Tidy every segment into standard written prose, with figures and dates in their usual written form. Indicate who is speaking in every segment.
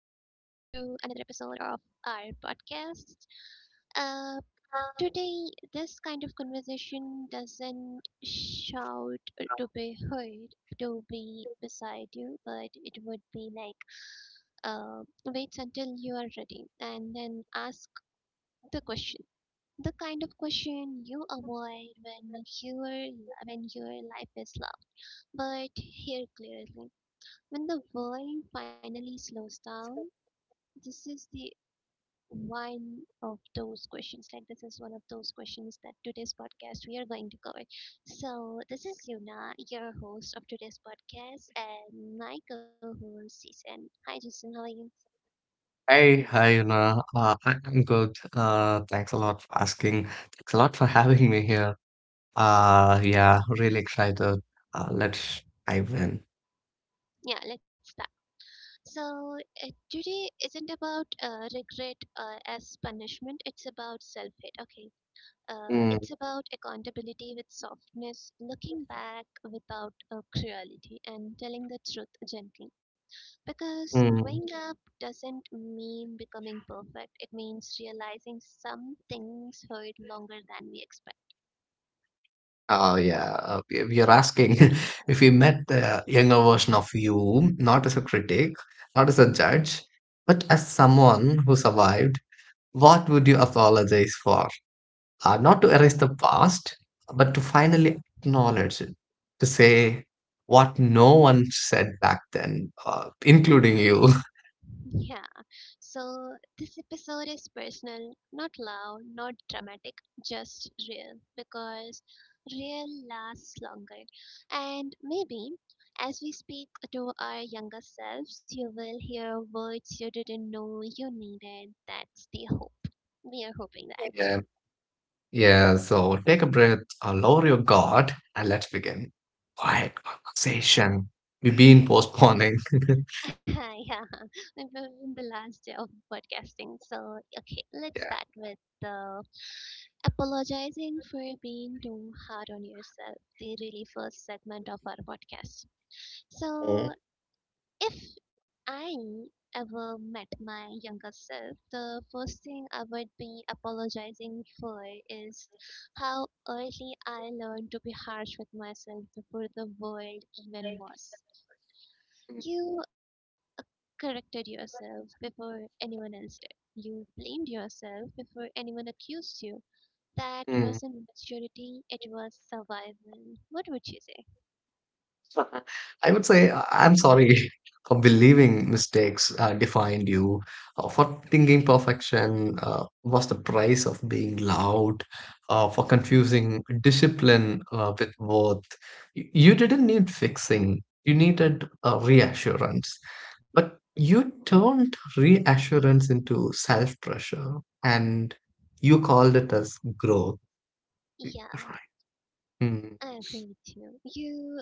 Speaker 1: to another episode of our podcast. Uh,
Speaker 2: Um,
Speaker 1: Today, this kind of conversation doesn't shout to be heard, to be beside you, but it would be like wait until you are ready and then ask the question. The kind of question you avoid your when your life is loud, but here clearly when the world finally slows down
Speaker 2: so-
Speaker 1: this is the one of those questions. Like this is one of those questions that today's podcast we are going to cover. So this is Yuna, your host of today's podcast, and my co-host Jason. Hi Jason, how are you?
Speaker 2: Hey, hi, Una. I'm good. Thanks a lot for asking. Thanks a lot for having me here. Yeah, really excited. Let's dive in.
Speaker 1: Yeah, let's start. So today isn't about regret as punishment. It's about self-hate. Okay.
Speaker 2: Mm.
Speaker 1: It's about accountability with softness, looking back without cruelty, and telling the truth gently. Because
Speaker 2: Mm.
Speaker 1: growing up doesn't mean becoming perfect, it means realizing some things hurt longer than we expect.
Speaker 2: Oh, yeah. We are asking if you met the younger version of you, not as a critic, not as a judge, but as someone who survived, what would you apologize for? Not to erase the past, but to finally acknowledge it. To say what no one said back then, including you.
Speaker 1: Yeah, so this episode is personal, not loud, not dramatic, just real, because real lasts longer. And maybe as we speak to our younger selves, you will hear words you didn't know you needed. That's the hope. We are hoping that.
Speaker 2: Yeah. Yeah. So take a breath, lower your guard, and let's begin. Quiet conversation. We've been postponing.
Speaker 1: Yeah, it will be the last day of podcasting. So, okay, let's
Speaker 2: Yeah.
Speaker 1: start with the apologizing for being too hard on yourself, the really first segment of our podcast. So, if I ever met my younger self, the first thing I would be apologizing for is how early I learned to be harsh with myself before the world even was. You corrected yourself before anyone else did. You blamed yourself before anyone accused you. That
Speaker 2: Mm.
Speaker 1: wasn't maturity, it was survival. What would you say?
Speaker 2: I would say I'm sorry for believing mistakes defined you, for thinking perfection was the price of being loud, for confusing discipline with worth. You didn't need fixing, you needed reassurance. But you turned reassurance into self pressure and you called it as growth.
Speaker 1: Yeah,
Speaker 2: Right. Hmm.
Speaker 1: I agree with you. You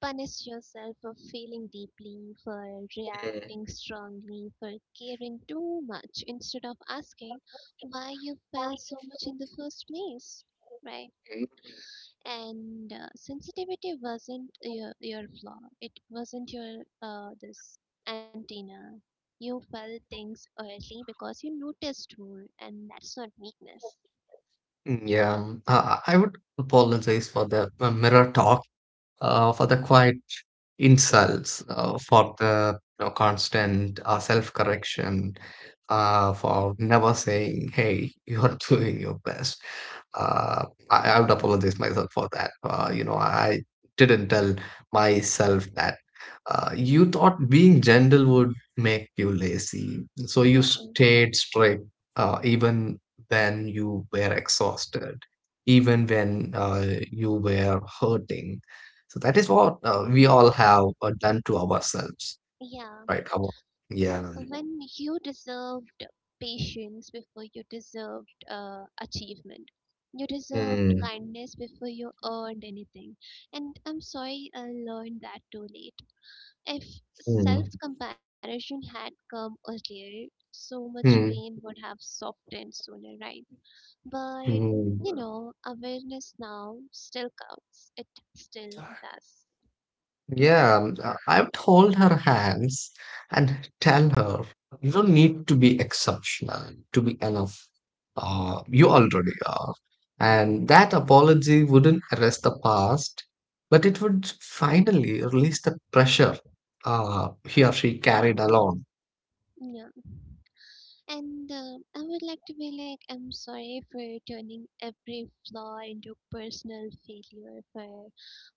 Speaker 1: punished yourself for feeling deeply, for
Speaker 2: Mm.
Speaker 1: reacting strongly, for caring too much instead of asking why you felt so much in the first place, right? And sensitivity wasn't your flaw, it wasn't your this antenna. You felt things early because you noticed more, and that's not weakness.
Speaker 2: Mm, yeah, I would apologize for the mirror talk, for the quiet insults, for the constant self-correction, for never saying, "Hey, you're doing your best." I would apologize myself for that. I didn't tell myself that. You thought being gentle would make you lazy, so
Speaker 1: Yeah,
Speaker 2: you stayed strict, even when you were exhausted, even when you were hurting, so that is what we all have done to ourselves,
Speaker 1: yeah,
Speaker 2: right? Our, yeah.
Speaker 1: when you deserved patience before you deserved achievement, you deserved
Speaker 2: Mm,
Speaker 1: kindness before you earned anything, and I'm sorry I learned that too late. If self
Speaker 2: mm,
Speaker 1: comparison had come earlier, so much pain
Speaker 2: mm,
Speaker 1: would have softened sooner, right? But you
Speaker 2: mm.
Speaker 1: know, awareness now still counts. It still does.
Speaker 2: Yeah, I would hold her hands and tell her, you don't need to be exceptional to be enough. You already are. And that apology wouldn't erase the past, but it would finally release the pressure he or she carried along.
Speaker 1: Yeah. And I would like to be like, I'm sorry for turning every flaw into personal failure, for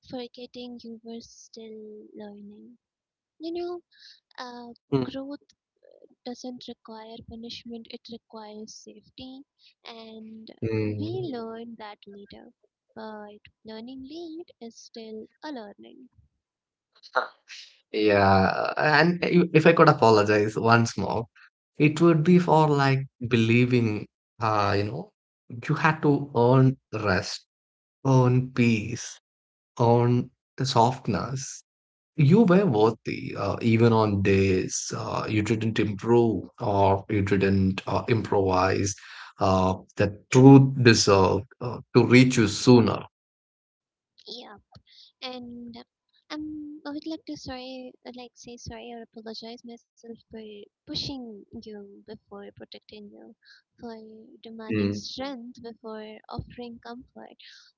Speaker 1: forgetting you were still learning. You know,
Speaker 2: Mm.
Speaker 1: growth doesn't require punishment, it requires safety, and we
Speaker 2: Mm.
Speaker 1: learn that later. But learning late is still a learning.
Speaker 2: Yeah, and if I could apologize once more, it would be for like believing, uh, you know, you had to earn rest, earn peace, earn the softness. You were worthy, even on days you didn't improve or you didn't improvise. That truth deserved to reach you sooner.
Speaker 1: Yeah, and I would like to sorry, like say sorry or apologize myself for pushing you before protecting you, for demanding
Speaker 2: Mm.
Speaker 1: strength before offering comfort,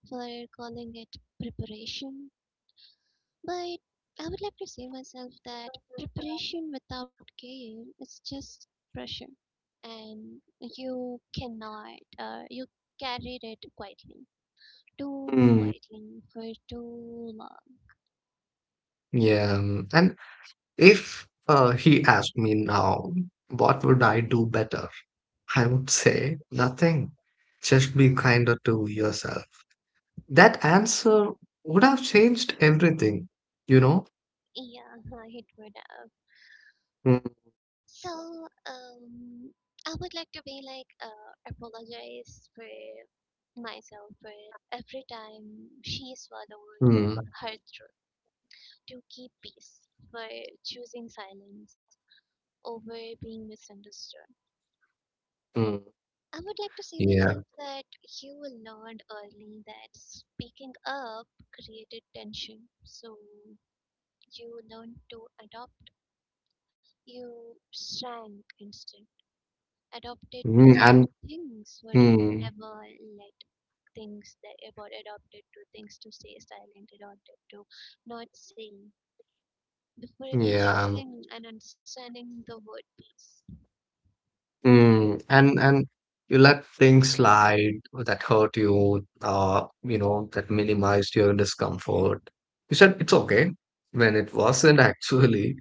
Speaker 1: for calling it preparation. But I would like to say myself that preparation without care is just pressure, and you cannot, you carried it quietly, too
Speaker 2: Mm,
Speaker 1: quietly for too long.
Speaker 2: yeah, and if he asked me now, what would I do better? I would say nothing. Just be kinder to yourself. That answer would have changed everything, you know?
Speaker 1: Yeah, it would have.
Speaker 2: Mm,
Speaker 1: So, um, I would like to be like, apologize for myself for every time she swallowed
Speaker 2: mm,
Speaker 1: her truth to keep peace, for choosing silence over being misunderstood.
Speaker 2: mm,
Speaker 1: I would like to say
Speaker 2: yeah.
Speaker 1: myself that you will learned early that speaking up created tension, so you learned to adopt. You shrank instead, adopted
Speaker 2: Mm,
Speaker 1: to
Speaker 2: and
Speaker 1: things would
Speaker 2: mm,
Speaker 1: never let things that about adopted to things to stay silent, adopted to not saying before even
Speaker 2: yeah.
Speaker 1: choosing and understanding the word peace.
Speaker 2: Mm, and you let things slide that hurt you, that minimized your discomfort. You said it's okay when it wasn't actually,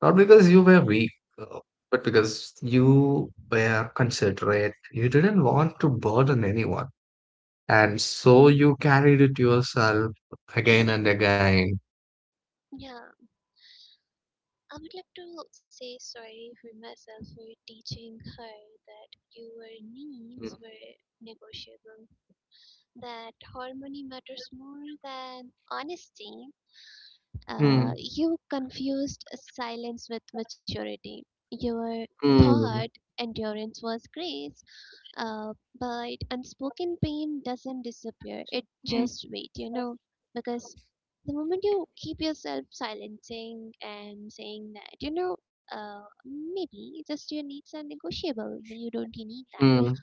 Speaker 2: not because you were weak, uh, but because you were considerate. You didn't want to burden anyone, and so you carried it yourself again and again.
Speaker 1: Yeah, I would like to say sorry for myself for teaching her that your needs
Speaker 2: Mm,
Speaker 1: were negotiable, that harmony matters more than honesty.
Speaker 2: mm,
Speaker 1: You confused silence with maturity. Your thought
Speaker 2: mm,
Speaker 1: endurance was grace, uh, but unspoken pain doesn't disappear, it
Speaker 2: mm,
Speaker 1: just waits, you know, because the moment you keep yourself silencing and saying that, you know, maybe just your needs are negotiable, maybe you don't need that.
Speaker 2: mm.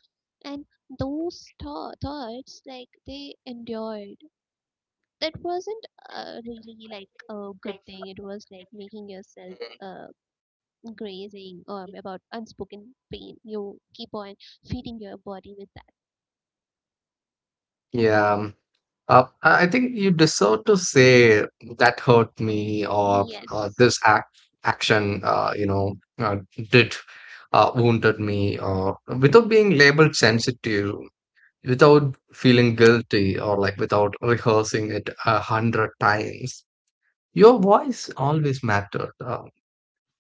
Speaker 1: And those thoughts, like, they endured. That wasn't really like a good thing. It was like making yourself uh, grazing or about unspoken pain. You keep on feeding your body with that.
Speaker 2: Yeah. I think you deserve to say that hurt me or
Speaker 1: Yes,
Speaker 2: this action, did wounded me, or without being labeled sensitive, without feeling guilty, or like without rehearsing it 100 times. Your voice always mattered,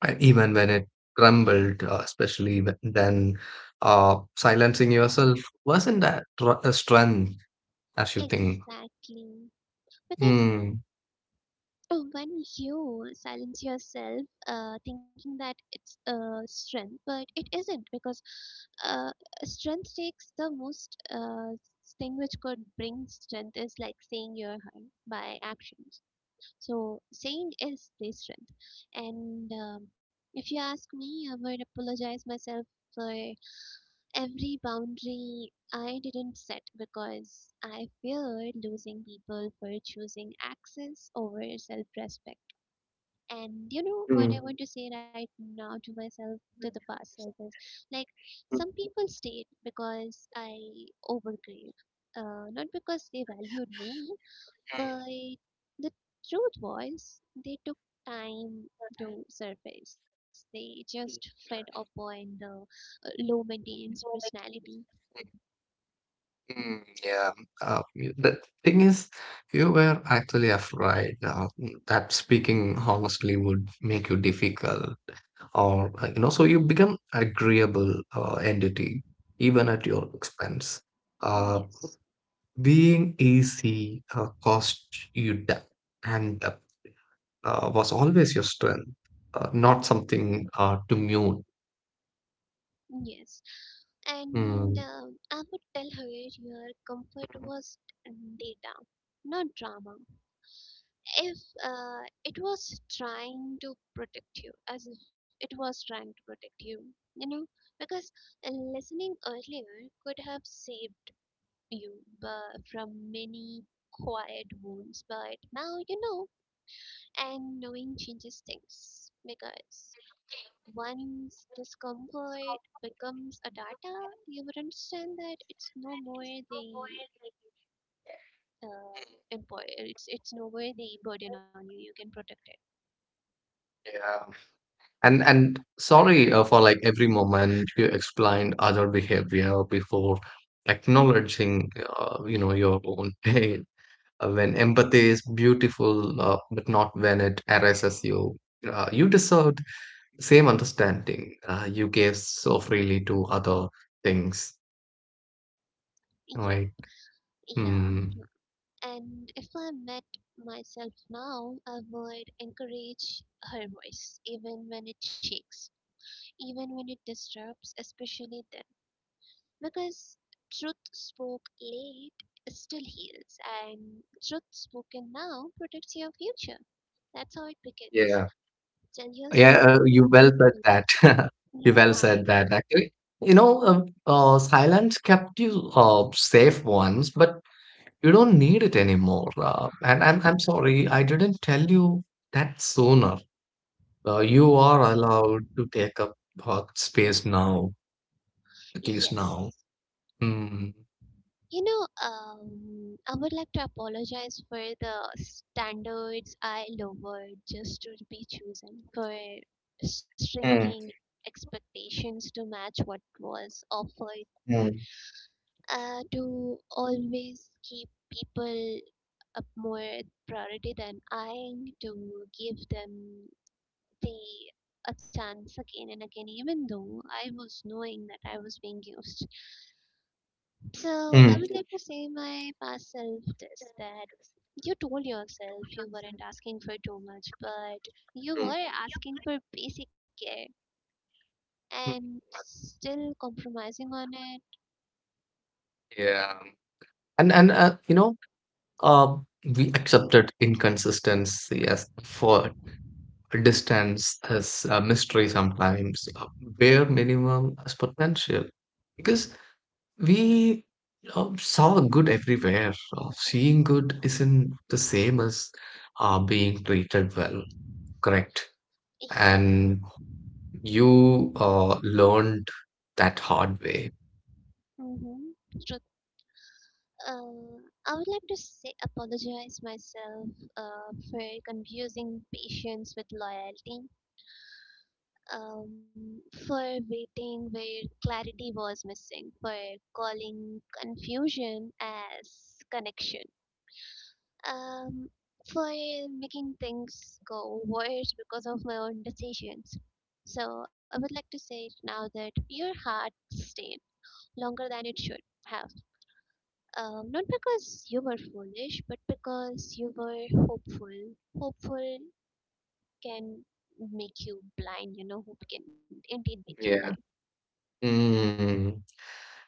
Speaker 2: and even when it trembled, especially then. Silencing yourself wasn't that a strength as you think.
Speaker 1: exactly. Because
Speaker 2: Mm.
Speaker 1: when you silence yourself, thinking that it's a strength, but it isn't, because uh, strength takes the most thing which could bring strength is like saying your heart by actions. So saying is the strength. And if you ask me, I would apologize myself for every boundary I didn't set because I feared losing people, for choosing access over self respect. And you know what I want to say right now to myself, to the past self is like
Speaker 2: Mhm.
Speaker 1: some people stayed because I overgave, not because they valued me, but the truth was they took time to surface. They just fed upon the low maintenance personality.
Speaker 2: Mm, yeah. The thing is, you were actually afraid that speaking honestly would make you difficult, or so you become agreeable entity even at your expense. Uh,
Speaker 1: Yes,
Speaker 2: Being easy cost you depth, and depth was always your strength, not something to mute.
Speaker 1: yes. And
Speaker 2: Mm.
Speaker 1: I would tell her your comfort
Speaker 2: Mm,
Speaker 1: was data, not drama. If it was trying to protect you, as if it was trying to protect you, you know, because listening earlier could have saved you but from many quiet wounds. But now you know, and knowing changes things, because once discomfort becomes a data, you would understand that it's no more the uh, employer, it's no more the burden on you. You can protect it.
Speaker 2: yeah. And sorry for like every moment you explained other behavior before acknowledging your own pain. When empathy is beautiful, but not when it harasses you. You deserved the same understanding you gave so freely to other things,
Speaker 1: Yeah,
Speaker 2: right?
Speaker 1: yeah.
Speaker 2: Hmm.
Speaker 1: And if I met myself now, I would encourage her voice, even when it shakes, even when it disrupts, especially then. Because truth spoke late still heals, and truth spoken now protects your future. That's how it begins.
Speaker 2: Yeah,
Speaker 1: Tell
Speaker 2: yeah.
Speaker 1: yourself,
Speaker 2: You well
Speaker 1: to-
Speaker 2: said that. You
Speaker 1: yeah,
Speaker 2: well said that. Actually, silence kept you safe once, but you don't need it anymore. And I'm sorry, I didn't tell you that sooner. You are allowed to take up space now, at least
Speaker 1: yes.
Speaker 2: now. Mm.
Speaker 1: You know, I would like to apologize for the standards I lowered just to be chosen, for shrinking
Speaker 2: Mm,
Speaker 1: expectations to match what was offered,
Speaker 2: mm,
Speaker 1: to always keep people a more priority than I, to give them the a chance again and again, even though I was knowing that I was being used. So I
Speaker 2: mm,
Speaker 1: would like to say my past self this that you told yourself you weren't asking for too much, but you
Speaker 2: mm,
Speaker 1: were asking for basic care
Speaker 2: mm.
Speaker 1: and still compromising on it.
Speaker 2: Yeah. And uh, we accepted inconsistency as for distance as a mystery sometimes. Bare minimum as potential. Because we saw good everywhere. Seeing good isn't the same as being treated well, correct?
Speaker 1: Yeah.
Speaker 2: And you learned that hard way.
Speaker 1: Mm-hmm. I would like to say, apologize myself for confusing patience with loyalty, um, for waiting where clarity was missing, for calling confusion as connection, um, for making things go worse because of my own decisions. So I would like to say now that your heart stayed longer than it should have. Not because you were foolish, but because you were hopeful. Hopeful can make you blind, you know, hope can indeed make you
Speaker 2: Yeah. Mm.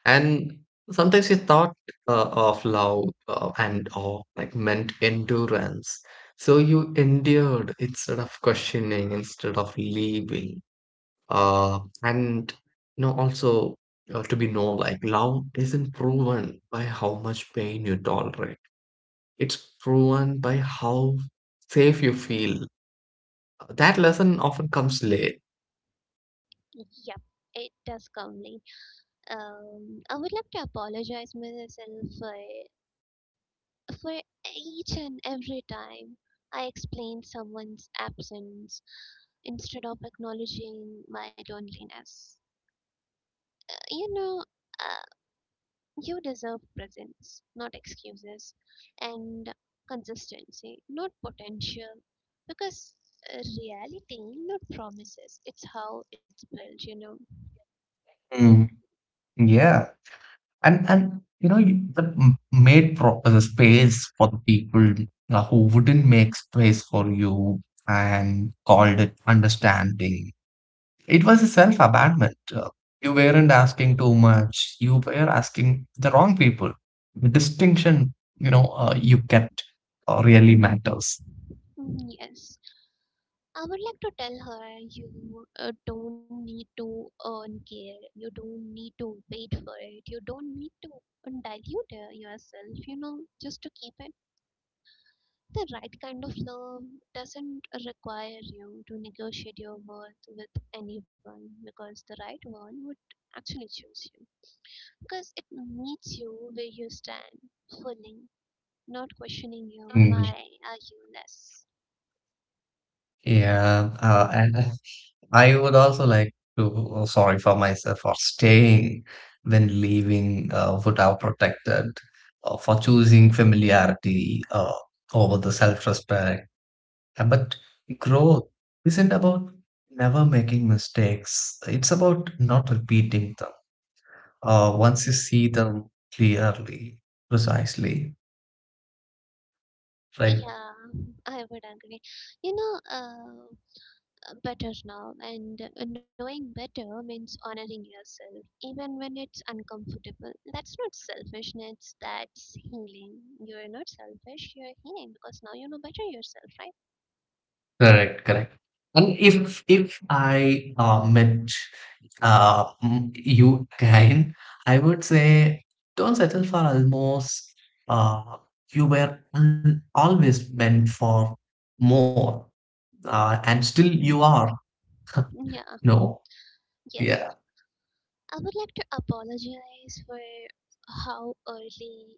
Speaker 2: And sometimes you thought of love and awe like meant endurance. So you endured instead of questioning, instead of leaving. And also to be know like love isn't proven by how much pain you tolerate. It's proven by how safe you feel. That lesson often comes late.
Speaker 1: blind. Yep, it does come late. I would like to apologize myself for each and every time I explained someone's absence instead of acknowledging my loneliness. You know, uh, you deserve presence, not excuses, and consistency, not potential. Because reality, not promises, it's how it's built, you know.
Speaker 2: Mm, yeah, and made pro the space for the people who wouldn't make space for you and called it understanding. It was a self abandonment. You weren't asking too much. You were asking the wrong people. The distinction, you kept really matters.
Speaker 1: Mm, yes. I would like to tell her you don't need to earn care, you don't need to wait for it, you don't need to dilute yourself, you know, just to keep it. The right kind of love doesn't require you to negotiate your worth with anyone, because the right one would actually choose you. Because it meets you where you stand, fully, not questioning you,
Speaker 2: Mm,
Speaker 1: why are you less?
Speaker 2: yeah, and I would also like to sorry for myself for staying when leaving would have protected, for choosing familiarity over the self-respect. But growth isn't about never making mistakes, it's about not repeating them once you see them clearly, precisely. Right.
Speaker 1: Yeah, I would agree. You know, better now, and knowing better means honoring yourself, even when it's uncomfortable. That's not selfishness, that's healing. You're not selfish, you're healing because now you know better yourself, right?
Speaker 2: Correct, correct. And if I met you again, I would say don't settle for almost. Uh, you were always meant for more, and still you are.
Speaker 1: Yeah,
Speaker 2: No.
Speaker 1: yes.
Speaker 2: Yeah.
Speaker 1: I would like to apologize for how early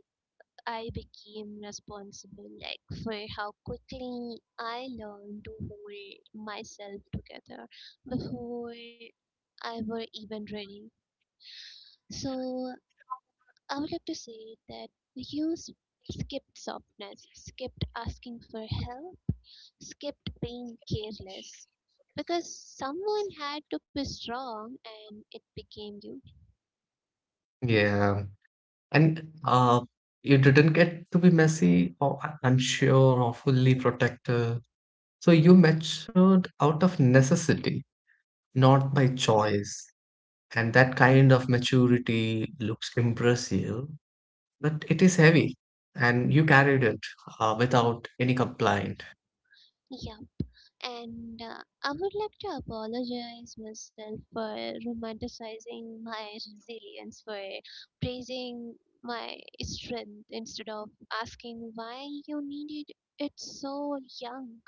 Speaker 1: I became responsible, like for how quickly I learned to hold myself together before I were even ready. So I would like to say that we used skipped softness, skipped asking for help, skipped being careless. Because someone had to be strong and it became you.
Speaker 2: Yeah. And you didn't get to be messy, or I or fully protected. So you matured out of necessity, not by choice. And that kind of maturity looks impressive, but it is heavy, and you carried it without any complaint.
Speaker 1: Yeah. And I would like to apologize myself for romanticizing my resilience, for praising my strength instead of asking why you needed it so young.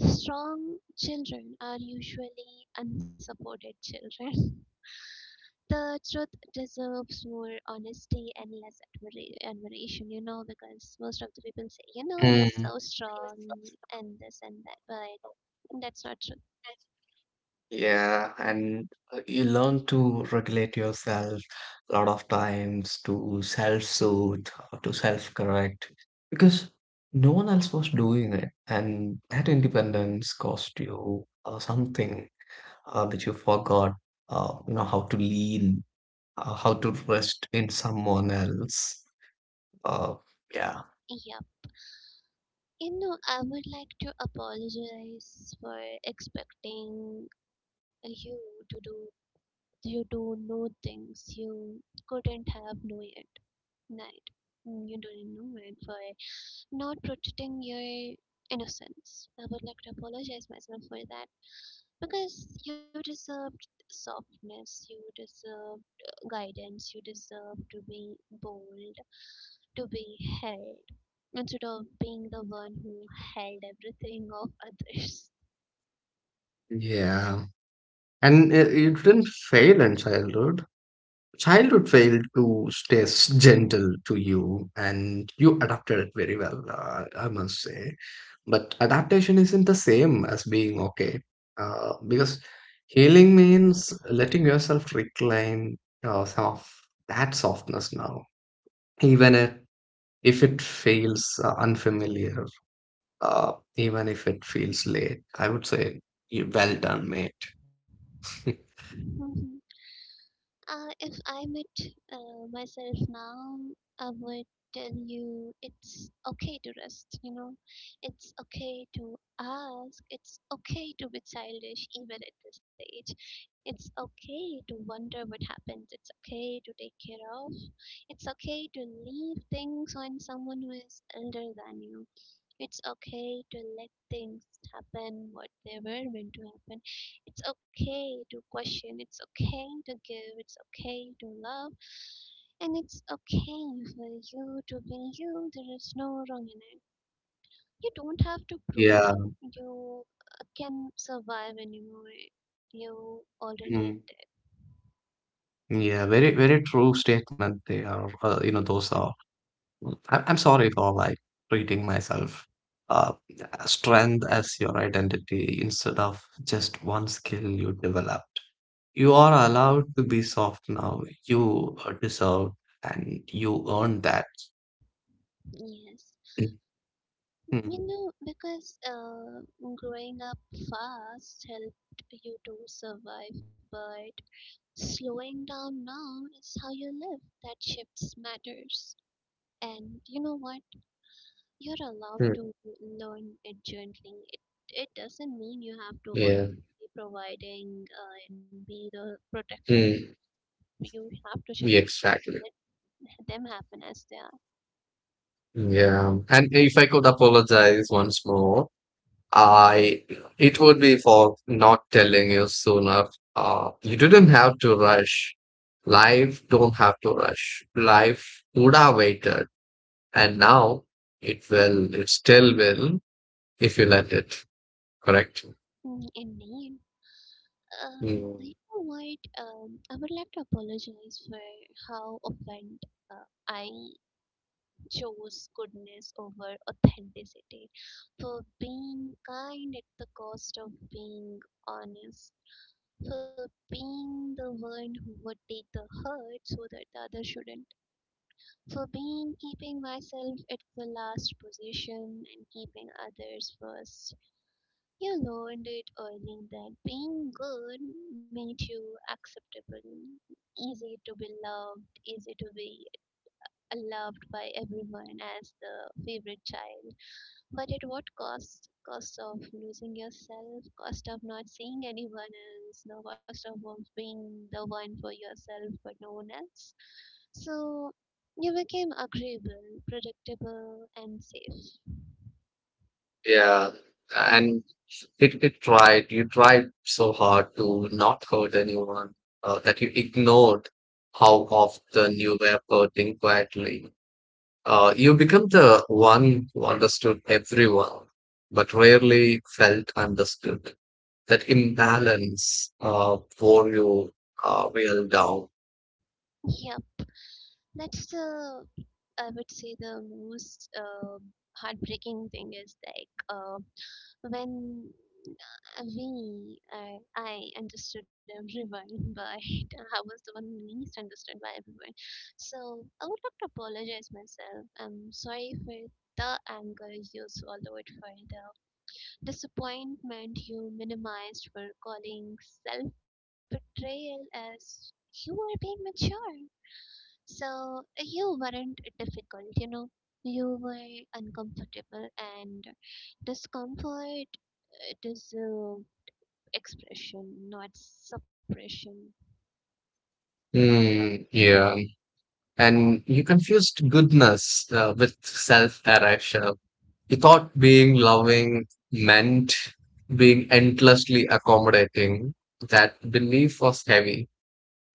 Speaker 1: Strong children are usually unsupported children. The truth deserves more honesty and less admiration, you know, because most of the people say, you know, you're so strong and this and that, but that's not true.
Speaker 2: Yeah, and you learn to regulate yourself a lot of times to self-soothe or to self-correct because no one else was doing it, and that independence cost you something which you forgot, how to lean, how to rest in someone else. Uh, yeah.
Speaker 1: Yeah. You know, I would like to apologize for expecting you to do you to know things you couldn't have known it. Right. Mm, you didn't know it, for not protecting your innocence. I would like to apologize myself for that, because you deserved softness, you deserved guidance, you deserve to be bold, to be held instead of being the one who held everything of others.
Speaker 2: Yeah. And you didn't fail in childhood. Childhood failed to stay gentle to you, and you adapted it very well, I must say. But adaptation isn't the same as being okay, because healing means letting yourself reclaim some of that softness now, even if it feels unfamiliar, even if it feels late, I would say you well done, mate.
Speaker 1: If I met myself now, I would tell you it's okay to rest, you know. It's okay to ask. It's okay to be childish even at this age. It's okay to wonder what happens. It's okay to take care of. It's okay to leave things on someone who is older than you. It's okay to let things happen what they were meant to happen. It's okay to question. It's okay to give. It's okay to love. And it's okay for you to be you. There is no wrong in it. You don't have to prove
Speaker 2: Yeah.
Speaker 1: you can survive anymore. You already
Speaker 2: Hmm.
Speaker 1: did.
Speaker 2: Yeah, very, very true statement. They are, those are. I'm sorry for like treating myself, uh, strength as your identity instead of just one skill you developed. You are allowed to be soft now. You deserve and you earn that.
Speaker 1: Yes. You
Speaker 2: Mhm.
Speaker 1: know, because growing up fast helped you to survive, but slowing down now is how you live, that shifts matters. And you know what? You're allowed
Speaker 2: Mm,
Speaker 1: to learn it gently. It doesn't mean you have to always
Speaker 2: yeah,
Speaker 1: be providing and be the protector.
Speaker 2: mm,
Speaker 1: You have to shift the
Speaker 2: yeah,
Speaker 1: focus.
Speaker 2: exactly.
Speaker 1: Let them happen as they are.
Speaker 2: Yeah, and if I could apologize once more, I it would be for not telling you sooner. You didn't have to rush. Life don't have to rush. Life would have waited, and now it will. It still will if you let it. Correct.
Speaker 1: Mm, indeed. You
Speaker 2: Mm,
Speaker 1: know what? I would like to apologize for how offended uh, I chose goodness over authenticity, for being kind at the cost of being honest, for being the one who would take the hurt so that the other shouldn't, for being keeping myself at the last position and keeping others first. You learned it early that being good made you acceptable, easy to be loved, easy to be loved by everyone as the favorite child. But at what cost? Cost of losing yourself, cost of not seeing anyone else, no cost of being the one for yourself but no one else. So you became agreeable, predictable, and safe.
Speaker 2: yeah, and it tried. You tried so hard to not hurt anyone that you ignored how often you were hurting quietly. You become the one who understood everyone, but rarely felt understood. That imbalance wore you real down.
Speaker 1: Yep, that's the. I would say the most heartbreaking thing is like When I understood everyone, but I was the one who least understood by everyone. So I would like to apologize myself. I'm sorry for the anger you swallowed, for the disappointment you minimized, for calling self betrayal as you are being mature. So you weren't difficult, you know. You were uncomfortable, and discomfort it is deserve expression, not suppression.
Speaker 2: Mm, yeah. And you confused goodness with self erasure. You thought being loving meant being endlessly accommodating. That belief was heavy.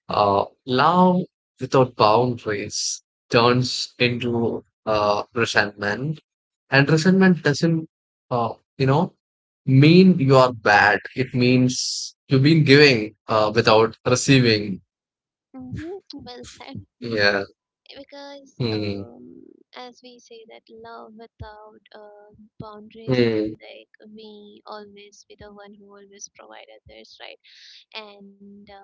Speaker 2: Love without boundaries turns into resentment, and resentment doesn't, uh, you know, mean you are bad. It means you've been giving without receiving.
Speaker 1: Hmm. Well said.
Speaker 2: Yeah.
Speaker 1: Because
Speaker 2: Hmm.
Speaker 1: as we say that love without boundaries is
Speaker 2: Hmm.
Speaker 1: like we always be the one who always provide others, right? And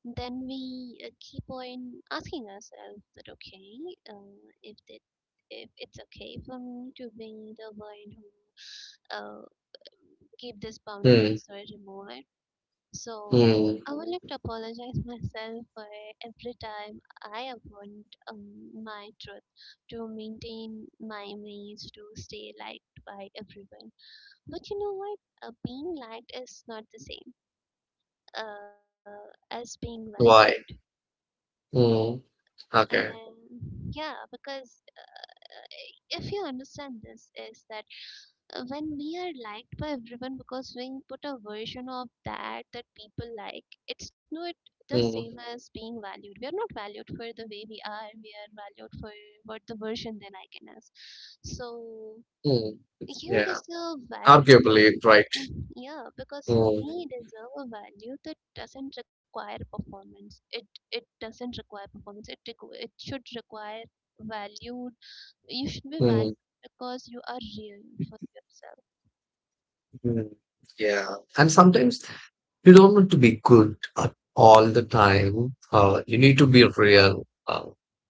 Speaker 1: then we keep on asking ourselves that okay, if it's okay for me to be the one who uh, keep these
Speaker 2: Hmm.
Speaker 1: boundaries or remove it. So I
Speaker 2: Hmm.
Speaker 1: would like to apologize myself for every time I avoid my truth to maintain my image, to stay liked by everyone. But you know what? Being liked is not the same uh, as being valued.
Speaker 2: Why? Hmm.
Speaker 1: And
Speaker 2: Okay.
Speaker 1: yeah, because if you understand this, is that when we are liked by everyone because we put a version of that that people like, it's not the same
Speaker 2: Hmm.
Speaker 1: as being valued. We are not valued for the way we are valued for what the version they like in us. So
Speaker 2: Hmm.
Speaker 1: you
Speaker 2: Yeah.
Speaker 1: deserve value that,
Speaker 2: Arguably,
Speaker 1: uh,
Speaker 2: right.
Speaker 1: yeah, because
Speaker 2: Hmm.
Speaker 1: we deserve a value that doesn't require performance. It doesn't require performance. It it should require valued. You should be valued
Speaker 2: Hmm.
Speaker 1: because you are real for yourself.
Speaker 2: Hmm. Yeah. And sometimes you don't want to be good at all the time. You need to be real.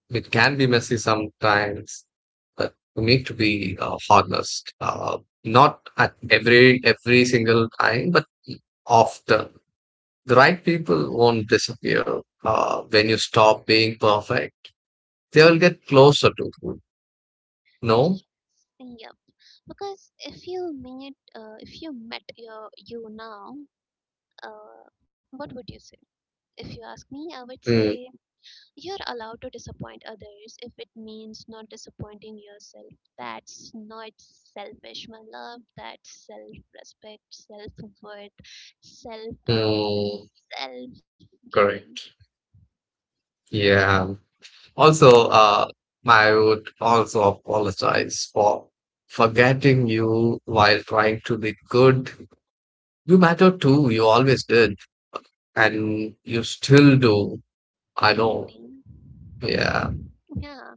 Speaker 2: It can be messy sometimes, but you need to be honest. Not at every single time, but often. The right people won't disappear when you stop being perfect. They'll get closer to you. No.
Speaker 1: Yes, yep. Because if you met your you now, uh, what would you say? If you ask me, I would say
Speaker 2: Mm,
Speaker 1: you're allowed to disappoint others if it means not disappointing yourself. That's not selfish, my love. That's self respect, self worth, self analysis,
Speaker 2: mm,
Speaker 1: self giving,
Speaker 2: correct. Yeah. Also, I would also apologize for forgetting you while trying to be good. You matter too. You always did, and you still do. I know.
Speaker 1: ending.
Speaker 2: Yeah.
Speaker 1: Yeah.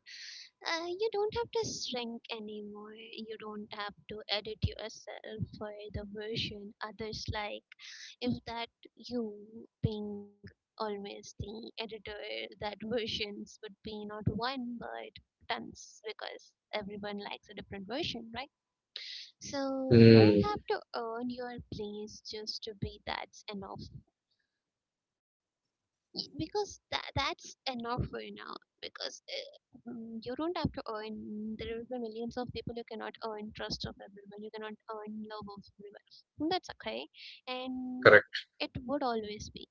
Speaker 1: You don't have to shrink anymore. You don't have to edit yourself for the version others like. If that, you being always the editor, that versions would be not one but tons because everyone likes a different version, right? So you don't
Speaker 2: Mm,
Speaker 1: have to earn your place just to be that's enough because that's enough for you now because you don't have to earn, there will be millions of people, you cannot earn trust of everyone, you cannot earn love of everyone. And that's okay, and
Speaker 2: correct.
Speaker 1: it would always be.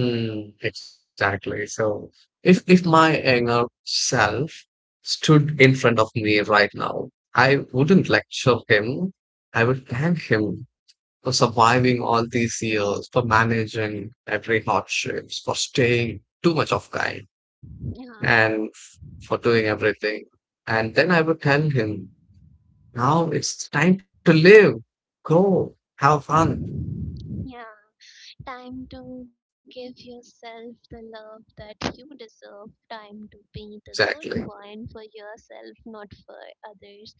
Speaker 2: Mm, exactly. So, if my younger self stood in front of me right now, I wouldn't lecture him. I would thank him for surviving all these years, for managing every hardships, for staying too much of kind,
Speaker 1: Yeah.
Speaker 2: and for doing everything. And then I would tell him, now it's time to live. Go, have fun.
Speaker 1: Yeah. Time to give yourself the love that you deserve. Time to be the good
Speaker 2: Exactly.
Speaker 1: one for yourself, not for others.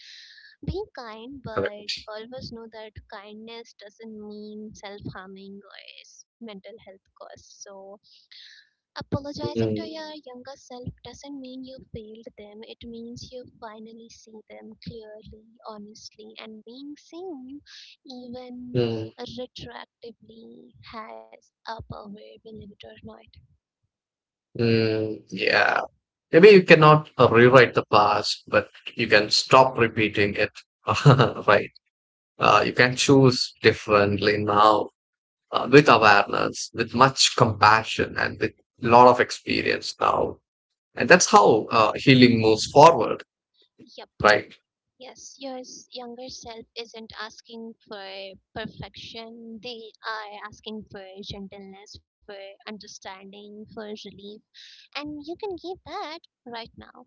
Speaker 1: Be kind, but
Speaker 2: Correct.
Speaker 1: always know that kindness doesn't mean self harming or is mental health costs. So, apologizing to
Speaker 2: Mm,
Speaker 1: your younger self doesn't mean you failed them, it means you finally see them clearly, honestly, and being seen, even
Speaker 2: mm,
Speaker 1: retroactively, has a power, believe it or not.
Speaker 2: mm, yeah. Maybe you cannot rewrite the past, but you can stop repeating it. Right.
Speaker 1: Mm, yes,
Speaker 2: You can choose differently now, with awareness, with much compassion, and with a lot of experience now. And that's how healing moves forward,
Speaker 1: yep,
Speaker 2: right?
Speaker 1: yes, your younger self isn't asking for perfection, they are asking for gentleness, for understanding, for relief, and you can give that right now.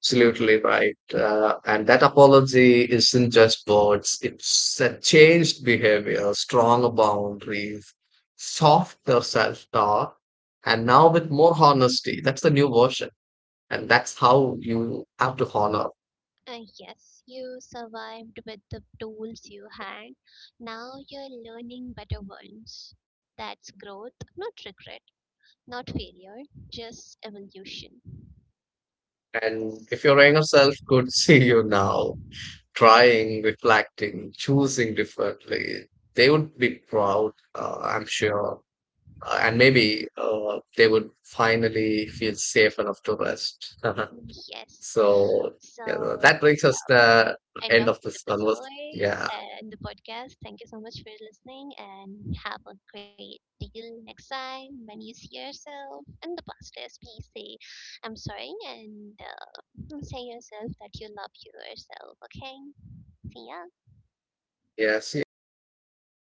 Speaker 2: Absolutely right. And that apology isn't just words, it's a changed behavior, stronger boundaries, softer self talk, and now with more honesty. That's the new version. And that's how you have to honor.
Speaker 1: Yes, you survived with the tools you had. Now you're learning better ones. That's growth, not regret, not failure, just evolution.
Speaker 2: And if your younger self could see you now, trying, reflecting, choosing differently. They would be proud, I'm sure. And maybe they would finally feel safe enough to rest.
Speaker 1: Yes.
Speaker 2: So, yeah,
Speaker 1: So
Speaker 2: that brings us the
Speaker 1: end
Speaker 2: end
Speaker 1: of
Speaker 2: of
Speaker 1: the
Speaker 2: this conversation.
Speaker 1: episode
Speaker 2: Yeah.
Speaker 1: and the podcast. Thank you so much for listening, and have a great deal next time when you see yourself in the past is please say I'm sorry, and say yourself that you love yourself, okay? See ya.
Speaker 2: Yes. Yeah.